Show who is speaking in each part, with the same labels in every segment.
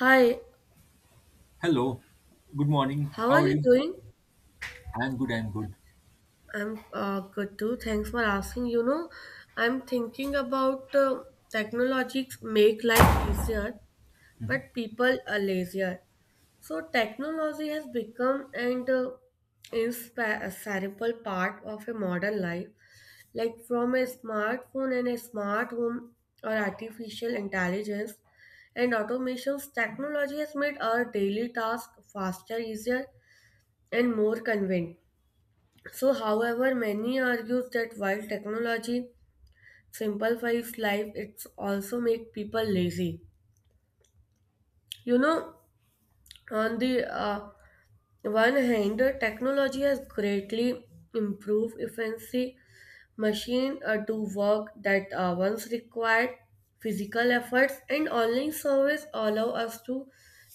Speaker 1: Hi,
Speaker 2: Hello, good morning.
Speaker 1: how
Speaker 2: How
Speaker 1: are
Speaker 2: are
Speaker 1: you
Speaker 2: you?
Speaker 1: doing?
Speaker 2: I'm good, I'm good.
Speaker 1: I'm good too. Thanks for asking. I'm thinking about technologies make life easier,
Speaker 2: Mhm.
Speaker 1: but people are lazier. So technology has become an inseparable part of a modern life, like from a smartphone and a smart home or artificial intelligence and automations. Technology has made our daily tasks faster, easier, and more convenient. So, however, many argue that while technology simplifies life, it's also make people lazy. You know, on the one hand, technology has greatly improved efficiency. Machine do work that once required physical efforts, and online service allow us to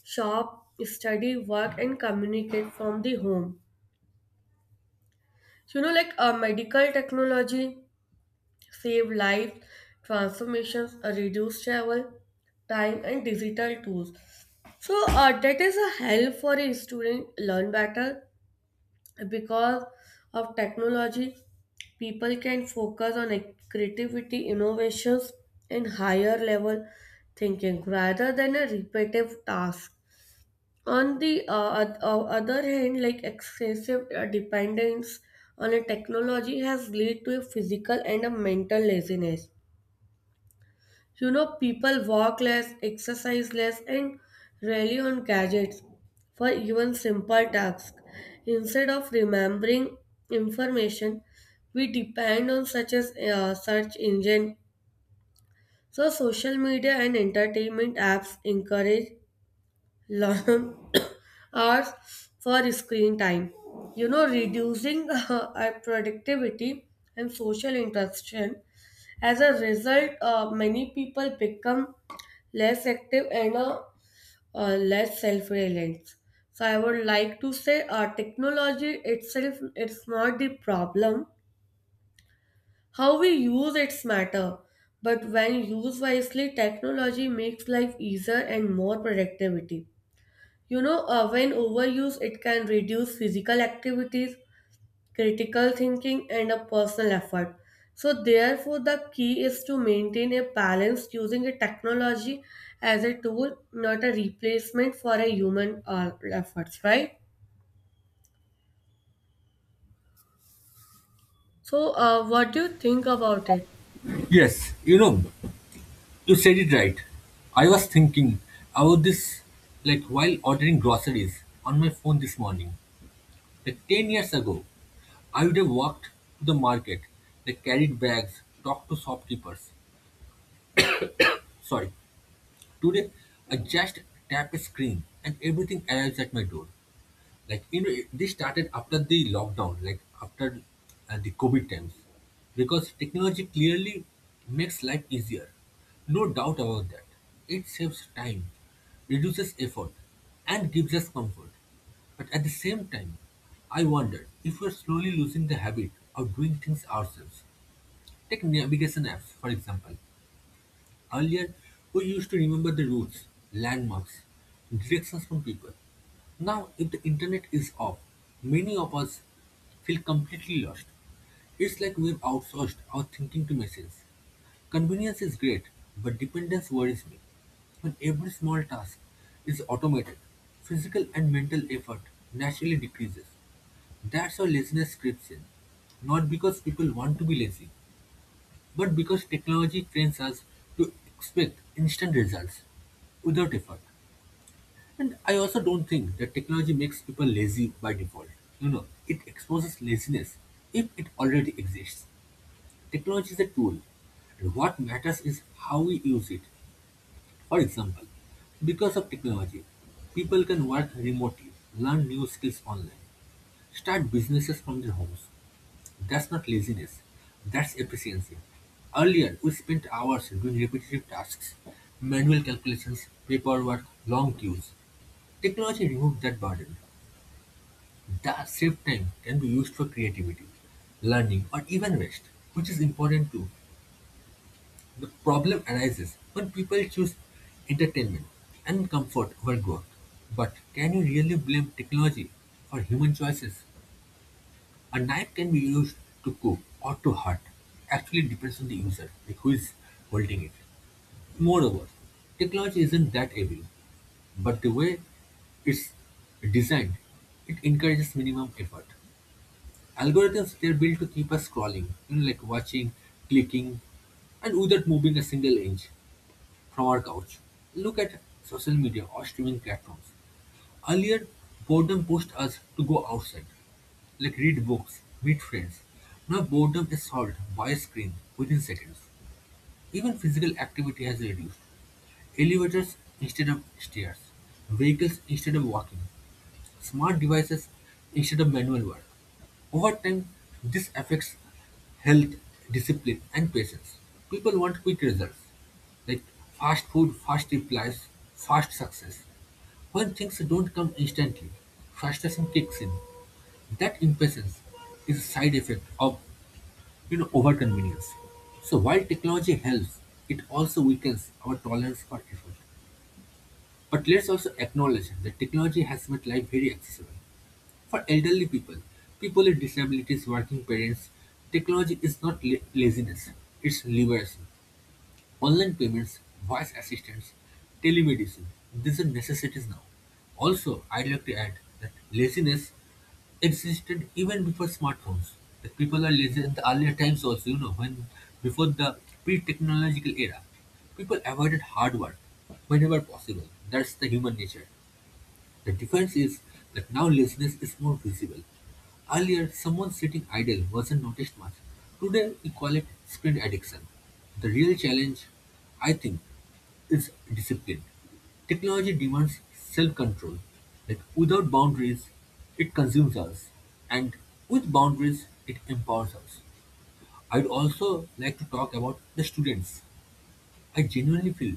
Speaker 1: shop, study, work, and communicate from the home. Like medical technology save lives, transformations, reduce travel time, and digital tools. So that is a help for a student learn better because of technology. People can focus on a creativity, innovations, and higher level thinking rather than a repetitive task. On the other hand, like excessive dependence on a technology has led to a physical and a mental laziness. People walk less, exercise less, and rely on gadgets for even simple tasks. Instead of remembering information, we depend on such as search engine. So, social media and entertainment apps encourage long hours for screen time. Reducing our productivity and social interaction. As a result, many people become less active and less self-reliant. So I would like to say technology itself it's not the problem. How we use it's matter. But when used wisely, technology makes life easier and more productivity. When overused, it can reduce physical activities, critical thinking, and a personal effort. So, therefore, the key is to maintain a balance using a technology as a tool, not a replacement for a human efforts, right? So, what do you think about it?
Speaker 2: Yes, you know, you said it right. I was thinking about this like while ordering groceries on my phone this morning. Like 10 years ago, I would have walked to the market, like carried bags, talked to shopkeepers. Sorry, today I just tap a screen and everything arrives at my door. Like you know this started after the lockdown, like after the COVID times because technology clearly makes life easier, no doubt about that. It saves time, reduces effort, and gives us comfort. But at the same time, I wonder if we're slowly losing the habit of doing things ourselves. Take navigation apps for example. Earlier, we used to remember the routes, landmarks, directions from people. Now, if the internet is off, many of us feel completely lost. It's like we've outsourced our thinking to machines. Convenience is great, but dependence worries me. When every small task is automated, physical and mental effort naturally decreases. That's how laziness creeps in. Not because people want to be lazy, but because technology trains us to expect instant results without effort. And I also don't think that technology makes people lazy by default. You know, it exposes laziness if it already exists. Technology is a tool, and what matters is how we use it. For example, because of technology, people can work remotely, learn new skills online, start businesses from their homes. That's not laziness, that's efficiency. Earlier, we spent hours doing repetitive tasks, manual calculations, paperwork, long queues. Technology removed that burden. That saved time can be used for creativity, learning, or even rest, which is important too. The problem arises when people choose entertainment and comfort over growth. But can you really blame technology for human choices? A knife can be used to cook or to hurt. Actually, it depends on the user, like who is holding it. Moreover, technology isn't that evil, but the way it's designed, it encourages minimum effort. Algorithms, they're built to keep us scrolling, you know, like watching, clicking, and without moving a single inch from our couch. Look at social media or streaming platforms. Earlier, boredom pushed us to go outside, like read books, meet friends. Now boredom is solved by a screen within seconds. Even physical activity has reduced. Elevators instead of stairs, vehicles instead of walking, smart devices instead of manual work. Over time, this affects health, discipline, and patience. People want quick results, like fast food, fast replies, fast success. When things don't come instantly, frustration kicks in. That impatience is a side effect of, overconvenience. So while technology helps, it also weakens our tolerance for effort. But let's also acknowledge that technology has made life very accessible. For elderly people, people with disabilities, working parents, technology is not laziness, it's liberation. Online payments, voice assistants, telemedicine. These are necessities now. Also, I'd like to add that laziness existed even before smartphones. That people are lazy in the earlier times also, you know, when before the pre-technological era, people avoided hard work whenever possible. That's the human nature. The difference is that now laziness is more visible. Earlier, someone sitting idle wasn't noticed much. Today, we call it screen addiction. The real challenge, I think, is discipline. Technology demands self control. Like without boundaries, it consumes us, and with boundaries, it empowers us. I'd also like to talk about the students. I genuinely feel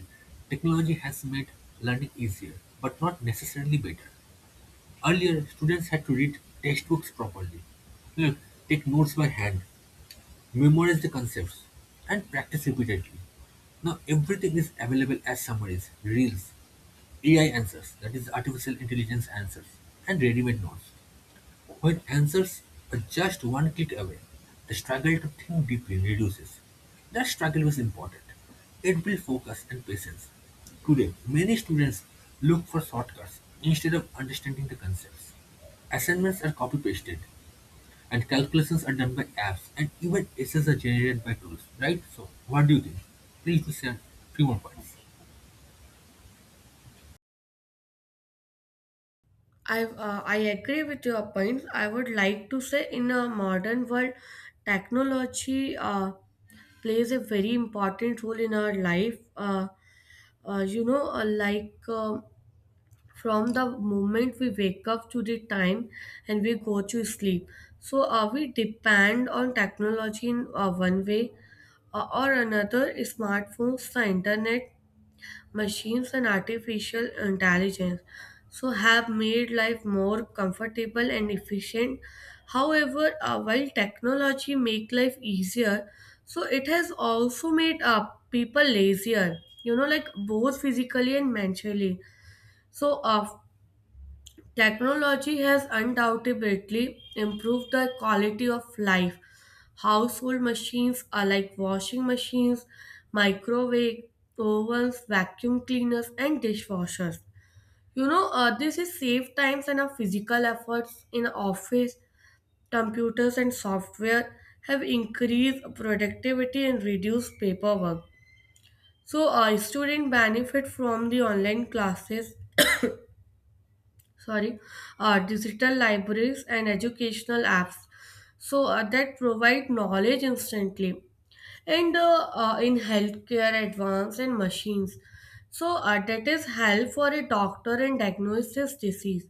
Speaker 2: technology has made learning easier, but not necessarily better. Earlier, students had to read textbooks properly, look, take notes by hand, memorize the concepts, and practice repeatedly. Now everything is available as summaries, reels, AI answers, that is artificial intelligence answers, and ready-made notes. When answers are just one click away, the struggle to think deeply reduces. That struggle is important. It builds focus and patience. Today, many students look for shortcuts instead of understanding the concepts. Assignments are copy pasted, and calculations are done by apps, and even essays are generated by tools, right? So, what do you think? Please do share few more points.
Speaker 1: I agree with your points. I would like to say in a modern world, technology plays a very important role in our life. You know, like. From the moment we wake up to the time and we go to sleep, so are we depend on technology in one way or another. Smartphones, the internet, machines, and artificial intelligence so have made life more comfortable and efficient. However, while technology make life easier, so it has also made people lazier, like both physically and mentally. So technology has undoubtedly improved the quality of life. Household machines are like washing machines, microwave ovens, vacuum cleaners, and dishwashers. This is save times and our physical efforts in office. Computers and software have increased productivity and reduced paperwork. So, students benefit from the online classes, sorry, digital libraries and educational apps. So that provide knowledge instantly, and in healthcare, advanced and machines. So that is help for a doctor and diagnose his disease.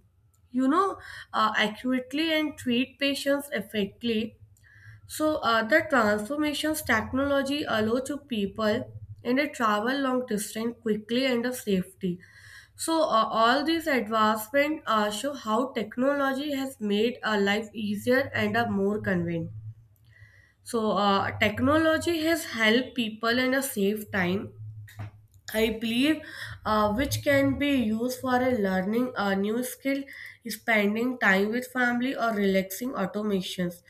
Speaker 1: You know, accurately and treat patients effectively. So, other transformations technology allow to people and they travel long distance quickly and the safety. So, all these advancements show how technology has made our life easier and more convenient. So, technology has helped people in a save time, I believe, which can be used for a learning a new skill, spending time with family, or relaxing automations.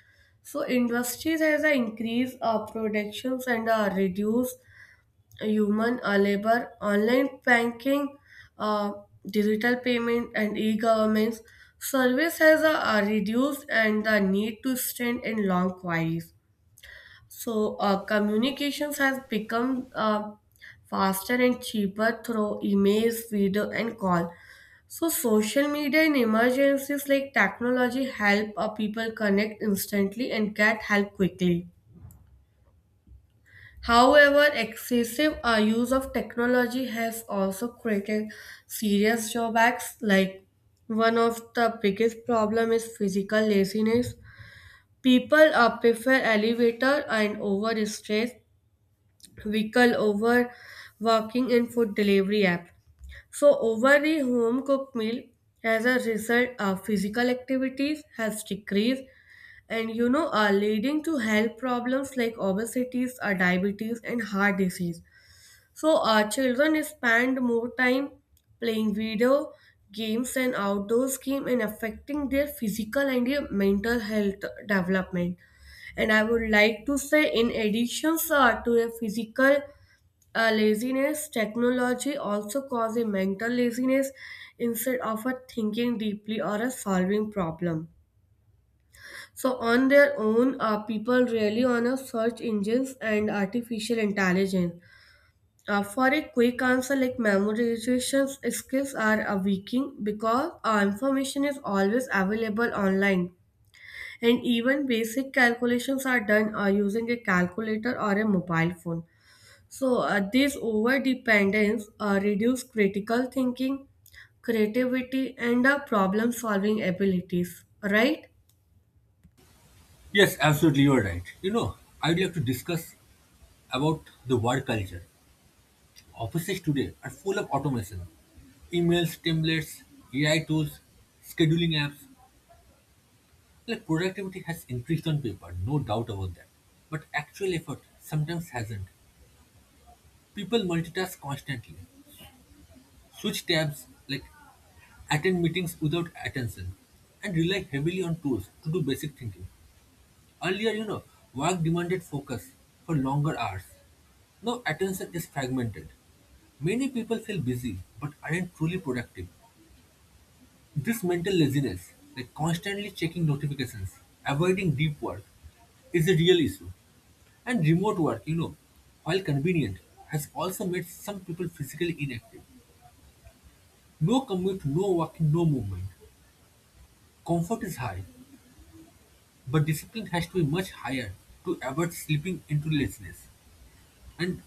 Speaker 1: So industries has a increase of productions and reduce human labor, online banking, uh, digital payment, and e-governments. Service has reduced and the need to stand in long queues. So, communications has become faster and cheaper through emails, video, and call. So, social media in emergencies like technology help people connect instantly and get help quickly. However, excessive use of technology has also created serious drawbacks. Like one of the biggest problem is physical laziness. People prefer elevator and over stress vehicle over walking in food delivery app. So over the home cooked meal, as a result, physical activities has decreased and are leading to health problems like obesity, diabetes and heart disease. So children spend more time playing video games and outdoor games and affecting their physical and their mental health development. And I would like to say in addition, sir, to a physical laziness, technology also cause a mental laziness. Instead of a thinking deeply or a solving problem so on their own, people rely on a search engines and artificial intelligence for a quick answer, like memorization skills are weakening because information is always available online, and even basic calculations are done using a calculator or a mobile phone. So, this over dependence reduces critical thinking, creativity, and problem solving abilities, right?
Speaker 2: Yes, absolutely, you are right. You know, I'd like to discuss about the work culture. Offices today are full of automation. Emails, templates, AI tools, scheduling apps. Like productivity has increased on paper, no doubt about that. But actual effort sometimes hasn't. People multitask constantly, switch tabs, like attend meetings without attention, and rely heavily on tools to do basic thinking. Earlier, you know, work demanded focus for longer hours. Now attention is fragmented. Many people feel busy but aren't truly productive. This mental laziness, like constantly checking notifications, avoiding deep work, is a real issue. And remote work, you know, while convenient, has also made some people physically inactive. No commute, no walking, no movement. Comfort is high, but discipline has to be much higher to avoid slipping into laziness. And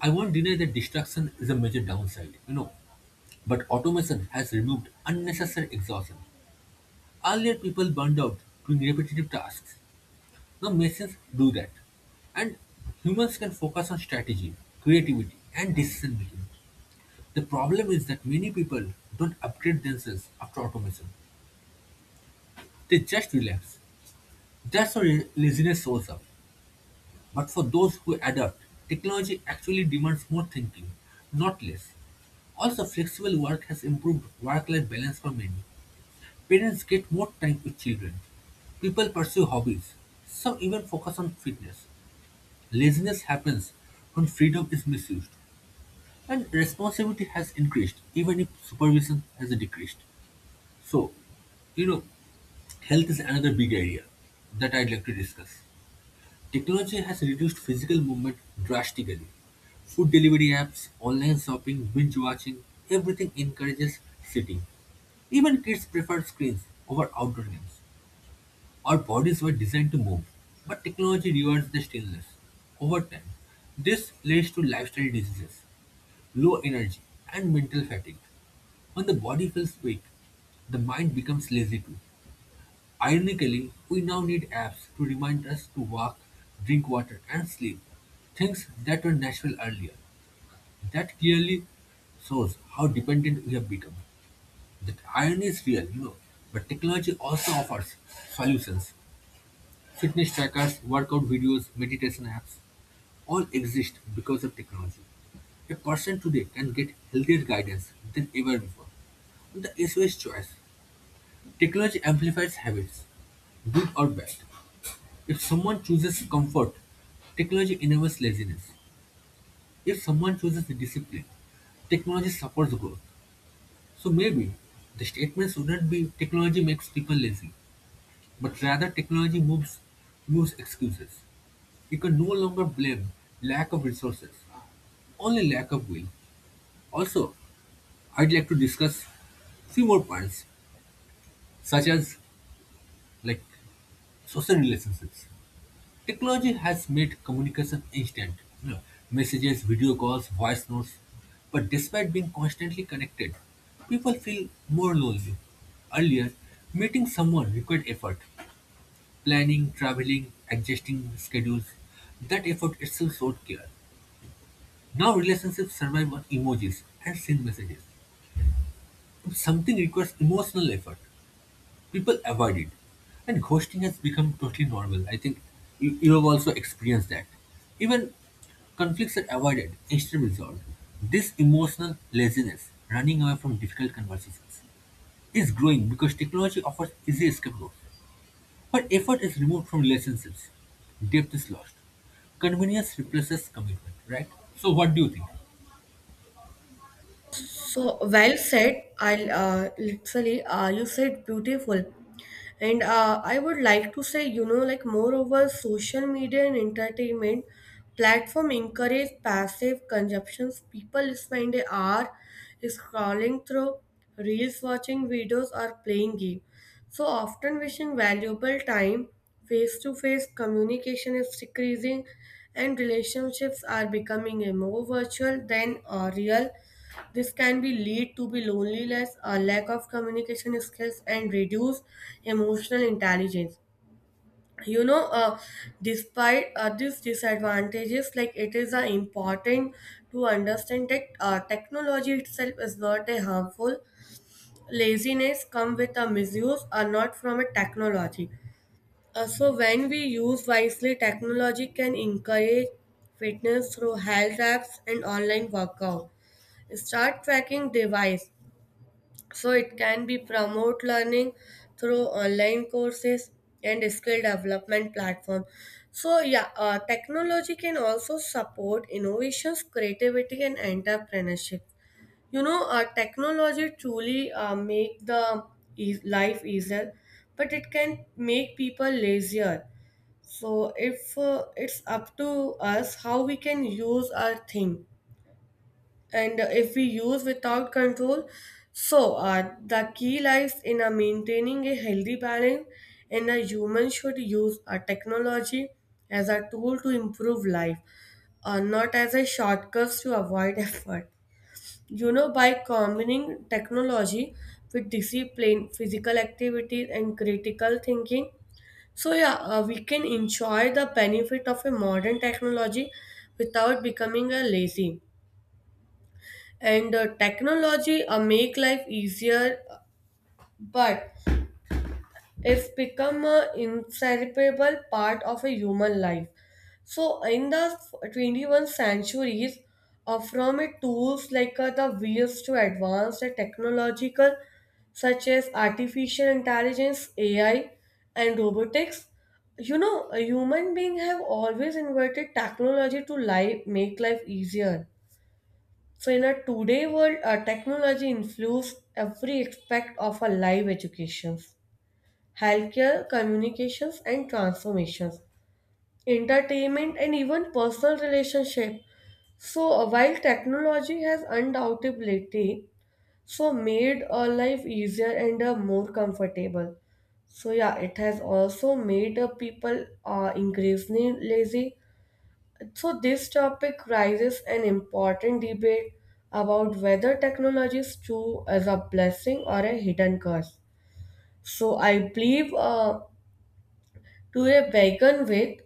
Speaker 2: I won't deny that distraction is a major downside, you know, but automation has removed unnecessary exhaustion. Earlier, people burned out doing repetitive tasks. The machines do that. And humans can focus on strategy, creativity, and decision making. The problem is that many people don't upgrade themselves after automation. They just relax. That's how laziness shows up. But for those who adapt, technology actually demands more thinking, not less. Also, flexible work has improved work life balance for many. Parents get more time with children. People pursue hobbies. Some even focus on fitness. Laziness happens when freedom is misused, and responsibility has increased, even if supervision has decreased. So, you know, health is another big area that I'd like to discuss. Technology has reduced physical movement drastically. Food delivery apps, online shopping, binge watching, everything encourages sitting. Even kids prefer screens over outdoor games. Our bodies were designed to move, but technology rewards the stillness. Over time, this leads to lifestyle diseases, low energy, and mental fatigue. When the body feels weak, the mind becomes lazy too. Ironically, we now need apps to remind us to walk, drink water, and sleep. Things that were natural earlier. That clearly shows how dependent we have become. That irony is real, you know, but technology also offers solutions. Fitness trackers, workout videos, meditation apps all exist because of technology. A person today can get healthier guidance than ever before. The issue is choice. Technology amplifies habits, good or bad. If someone chooses comfort, technology enables laziness. If someone chooses discipline, technology supports growth. So maybe the statement shouldn't be technology makes people lazy, but rather technology moves excuses. You can no longer blame lack of resources, only lack of will. Also, I'd like to discuss few more points, such as like social relationships. Technology has made communication instant, you know, messages, video calls, voice notes. But despite being constantly connected, people feel more lonely. Earlier, meeting someone required effort, planning, traveling, adjusting schedules. That effort itself showed care. Now relationships survive on emojis and send messages. If something requires emotional effort, people avoid it. And ghosting has become totally normal. I think you have also experienced that. Even conflicts are avoided instead of resolved. This emotional laziness, running away from difficult conversations, is growing because technology offers easy escape routes. But effort is removed from relationships. Depth is lost. Convenience replaces commitment, right? So what do you think?
Speaker 1: So well said. I'll literally you said beautiful, and I would like to say, like, moreover social media and entertainment platform encourage passive consumptions. People spend an hour scrolling through reels, watching videos, or playing game. So often wishing valuable time. Face to face communication is decreasing, and relationships are becoming a more virtual than real. This can be lead to be loneliness, a lack of communication skills, and reduced emotional intelligence. You know, uh, despite these disadvantages, like it is important to understand that technology itself is not a harmful. Laziness come with a misuse, or not from a technology. So when we use wisely, technology can encourage fitness through health apps and online workout. Start tracking device. So it can be promote learning through online courses and skill development platform. So yeah, technology can also support innovations, creativity, and entrepreneurship. Technology truly make the life easier, but it can make people lazier. So if it's up to us how we can use our thing, and if we use without control, so the key lies in maintaining a healthy balance, and a human should use a technology as a tool to improve life, not as a shortcut to avoid effort. By combining technology with discipline, physical activities, and critical thinking, so yeah, we can enjoy the benefit of a modern technology without becoming a lazy. And technology make life easier, but it's become a inseparable part of a human life. So in the 21st centuries, from a tools like the wheels to advanced technological such as artificial intelligence, AI, and robotics, a human being have always invented technology to life make life easier. So, in a today world, technology influences every aspect of our live, educations, healthcare, communications, and transformations, entertainment, and even personal relationship. So, while technology has undoubtedly so made our life easier and more comfortable, so yeah, it has also made people increasingly lazy. So, this topic raises an important debate about whether technology is true as a blessing or a hidden curse. So, I believe, to a begin with,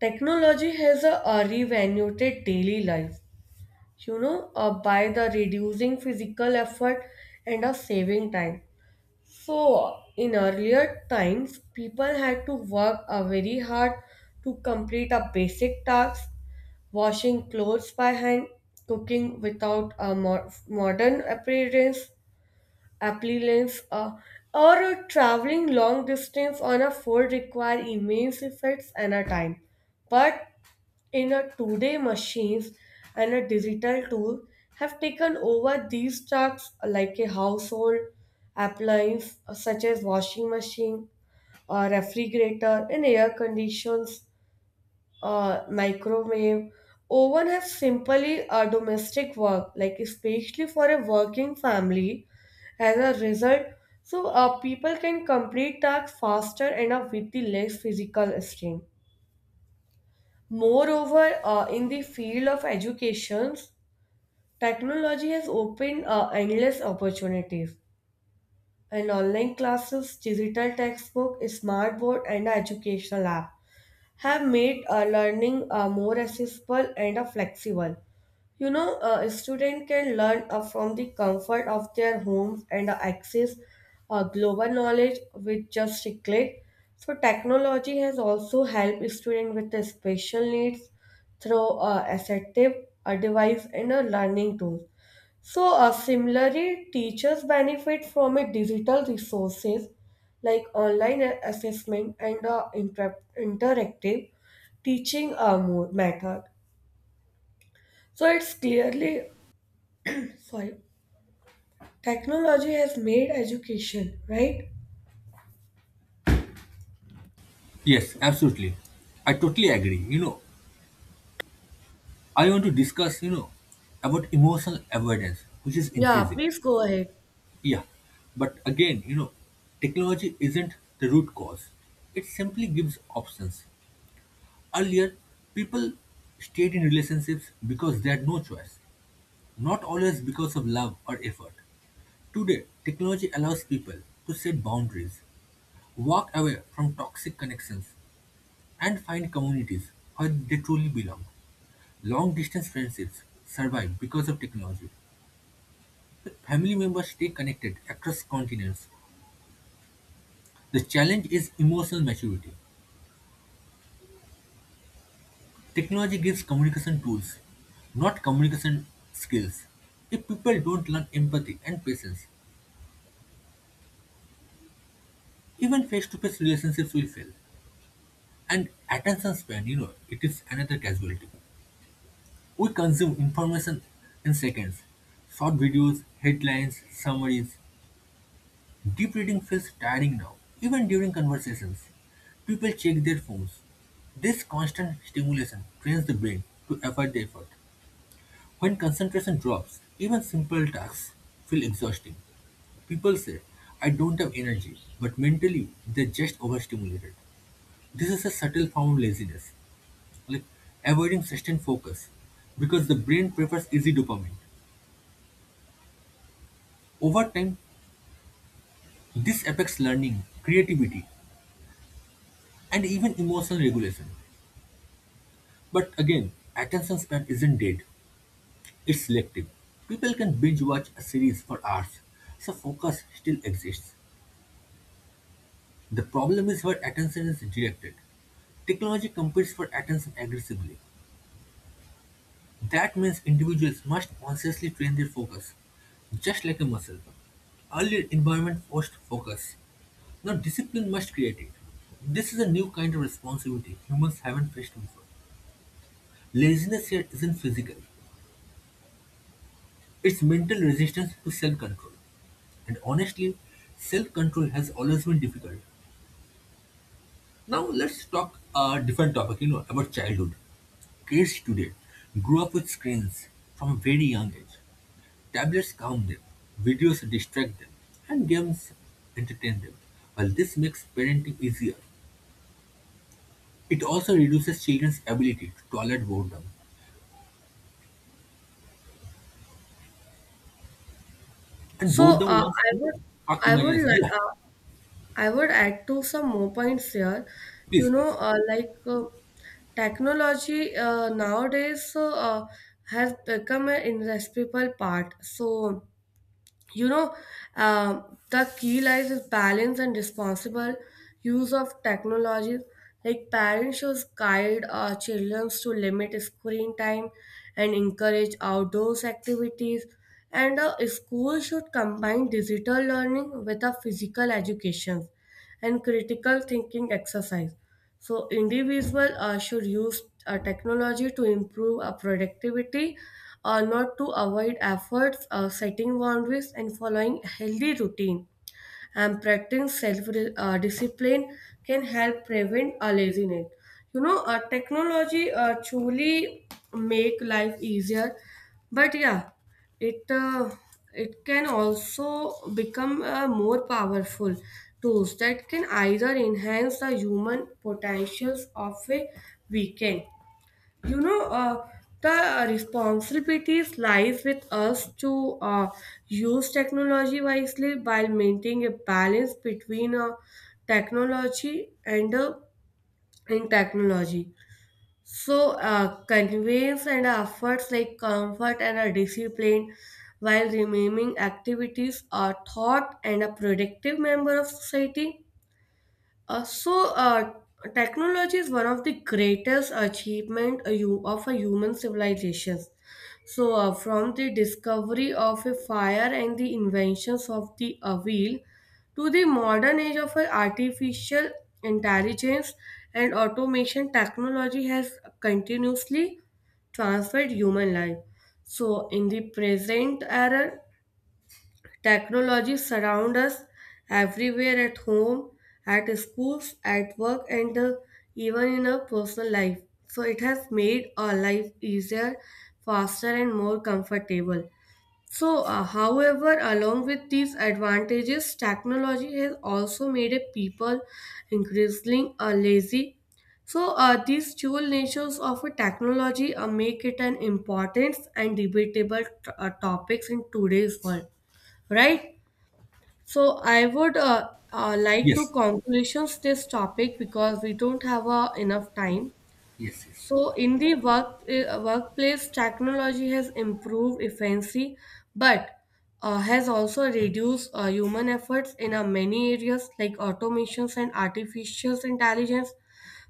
Speaker 1: technology has a revaluated daily life, by the reducing physical effort and a saving time. So, in earlier times, people had to work very hard to complete a basic task, washing clothes by hand, cooking without a modern appearance, appliance, or traveling long distance on a foot require immense efforts and a time. But in a today, machines and a digital tool have taken over these tasks like a household appliance, such as washing machine, a refrigerator, and air conditions, microwave oven have simply a domestic work, like especially for a working family. As a result, so people can complete tasks faster and with the less physical strain. Moreover, in the field of education, technology has opened endless opportunities, and online classes, digital textbook, smart board, and educational app have made learning more accessible and flexible. A student can learn from the comfort of their homes and access global knowledge with just a click. So, technology has also helped students with the special needs through assertive device and a learning tools. So, similarly, teachers benefit from a digital resources like online assessment and interactive teaching method. So, it's clearly, sorry, technology has made education right.
Speaker 2: Yes, absolutely. I totally agree. You know, I want to discuss, you know, about emotional avoidance, which is
Speaker 1: Yeah,
Speaker 2: increasing.
Speaker 1: please go ahead.
Speaker 2: Yeah. But again, you know, technology isn't the root cause. It simply gives options. Earlier, people stayed in relationships because they had no choice, not always because of love or effort. Today, technology allows people to set boundaries, walk away from toxic connections, and find communities where they truly belong. Long-distance friendships survive because of technology. Family members stay connected across continents. The challenge is emotional maturity. Technology gives communication tools, not communication skills. If people don't learn empathy and patience, even face-to-face relationships will fail. And attention span, you know, it is another casualty. We consume information in seconds. Short videos, headlines, summaries. Deep reading feels tiring now, even during conversations. People check their phones. This constant stimulation trains the brain to avoid the effort. When concentration drops, even simple tasks feel exhausting. People say, I don't have energy, but mentally they're just overstimulated. This is a subtle form of laziness, like avoiding sustained focus, because the brain prefers easy dopamine. Over time, this affects learning, creativity, and even emotional regulation. But again, attention span isn't dead, it's selective. People can binge watch a series for hours, so focus still exists. The problem is where attention is directed. Technology competes for attention aggressively. That means individuals must consciously train their focus, just like a muscle. Earlier environment forced focus. Now discipline must create it. This is a new kind of responsibility humans haven't faced before. Laziness here isn't physical, it's mental resistance to self control. And honestly, self-control has always been difficult. Now let's talk a different topic, you know, about childhood. Kids today grew up with screens from a very young age. Tablets calm them, videos distract them, and games entertain them. While this makes parenting easier, it also reduces children's ability to tolerate boredom. And
Speaker 1: So,
Speaker 2: boredom was, you know, hot
Speaker 1: I would
Speaker 2: imagination.
Speaker 1: like,
Speaker 2: Yeah,
Speaker 1: uh, I would add to some more points here.
Speaker 2: please, please.
Speaker 1: Like technology nowadays has become an indispensable part. So, you know, uh, the key lies is balance and responsible use of technology. Like parents should guide our children to limit screen time and encourage outdoors activities. And school should combine digital learning with a physical education and critical thinking exercise. So individual should use technology to improve productivity, not to avoid efforts, setting boundaries, and following a healthy routine and practicing self discipline can help prevent a laziness. Technology truly make life easier, but yeah, it uh, it can also become a more powerful tools that can either enhance the human potentials of a weekend. you know uh, the responsibilities lies with us to use technology wisely while maintaining a balance between technology and in technology, so convenience and efforts like comfort and a discipline, while remaining activities are thought and a productive member of society. uh, so, uh, Technology is one of the greatest achievement of a human civilization. So, from the discovery of a fire and the inventions of the wheel to the modern age of artificial intelligence and automation, technology has continuously transferred human life. So, in the present era, technology surrounds us everywhere, at home, at schools, at work, and even in our personal life. So it has made our life easier, faster, and more comfortable. So, however, along with these advantages, technology has also made a people increasingly lazy. So, these dual natures of a technology make it an important and debatable topics in today's world, right? So I would like to
Speaker 2: Yes,
Speaker 1: conclusions this topic because we don't have enough time.
Speaker 2: yes, yes.
Speaker 1: So in the workplace, technology has improved efficiency, but has also reduced human efforts in many areas like automations and artificial intelligence.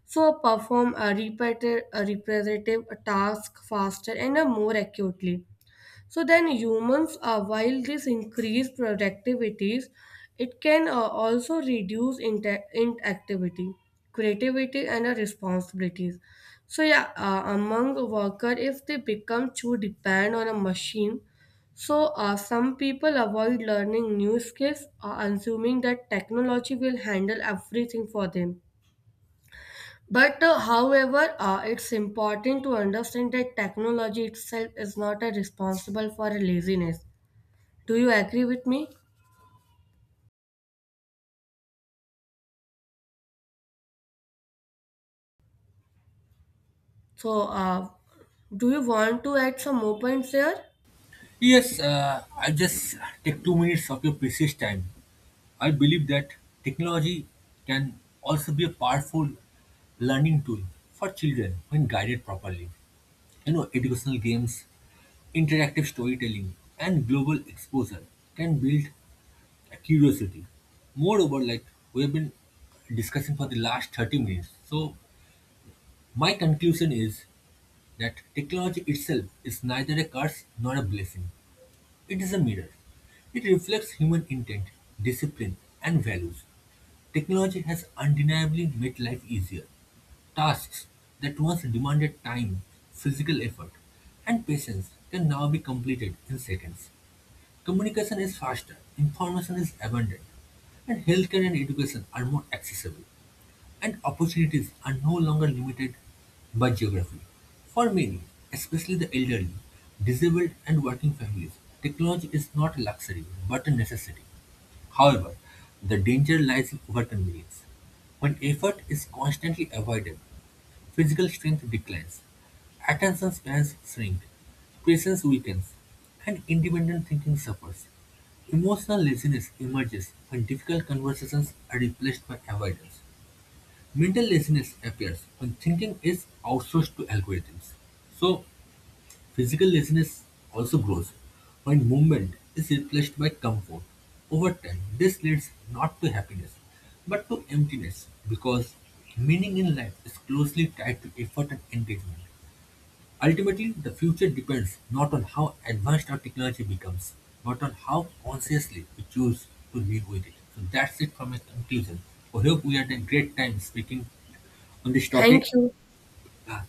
Speaker 1: So perform a repetitive task faster and more accurately. So then humans, while this increase productivities, it can also reduce inactivity, creativity, and responsibilities. So yeah, among worker, if they become too dependent on a machine, so some people avoid learning new skills, assuming that technology will handle everything for them. But however, it's important to understand that technology itself is not a responsible for laziness. Do you agree with me? So, do you want to add some more points there?
Speaker 2: Yes, I just take 2 minutes of your precious time. I believe that technology can also be a powerful learning tool for children when guided properly. You know, educational games, interactive storytelling, and global exposure can build a curiosity. Moreover, like we've been discussing for the last 30 minutes, so my conclusion is that technology itself is neither a curse nor a blessing. It is a mirror. It reflects human intent, discipline, and values. Technology has undeniably made life easier. Tasks that once demanded time, physical effort, and patience can now be completed in seconds. Communication is faster, information is abundant, and healthcare and education are more accessible. And opportunities are no longer limited by geography. For many, especially the elderly, disabled, and working families, technology is not a luxury but a necessity. However, the danger lies in overconvenience. When effort is constantly avoided, physical strength declines, attention spans shrink, presence weakens, and independent thinking suffers. Emotional laziness emerges when difficult conversations are replaced by avoidance. Mental laziness appears when thinking is outsourced to algorithms. So, physical laziness also grows when movement is replaced by comfort. Over time, this leads not to happiness but to emptiness because meaning in life is closely tied to effort and engagement. Ultimately, the future depends not on how advanced our technology becomes, but on how consciously we choose to live with it. So that's it from my conclusion. I hope we had a great time speaking on this
Speaker 1: Thank
Speaker 2: topic.
Speaker 1: you.
Speaker 2: Ah,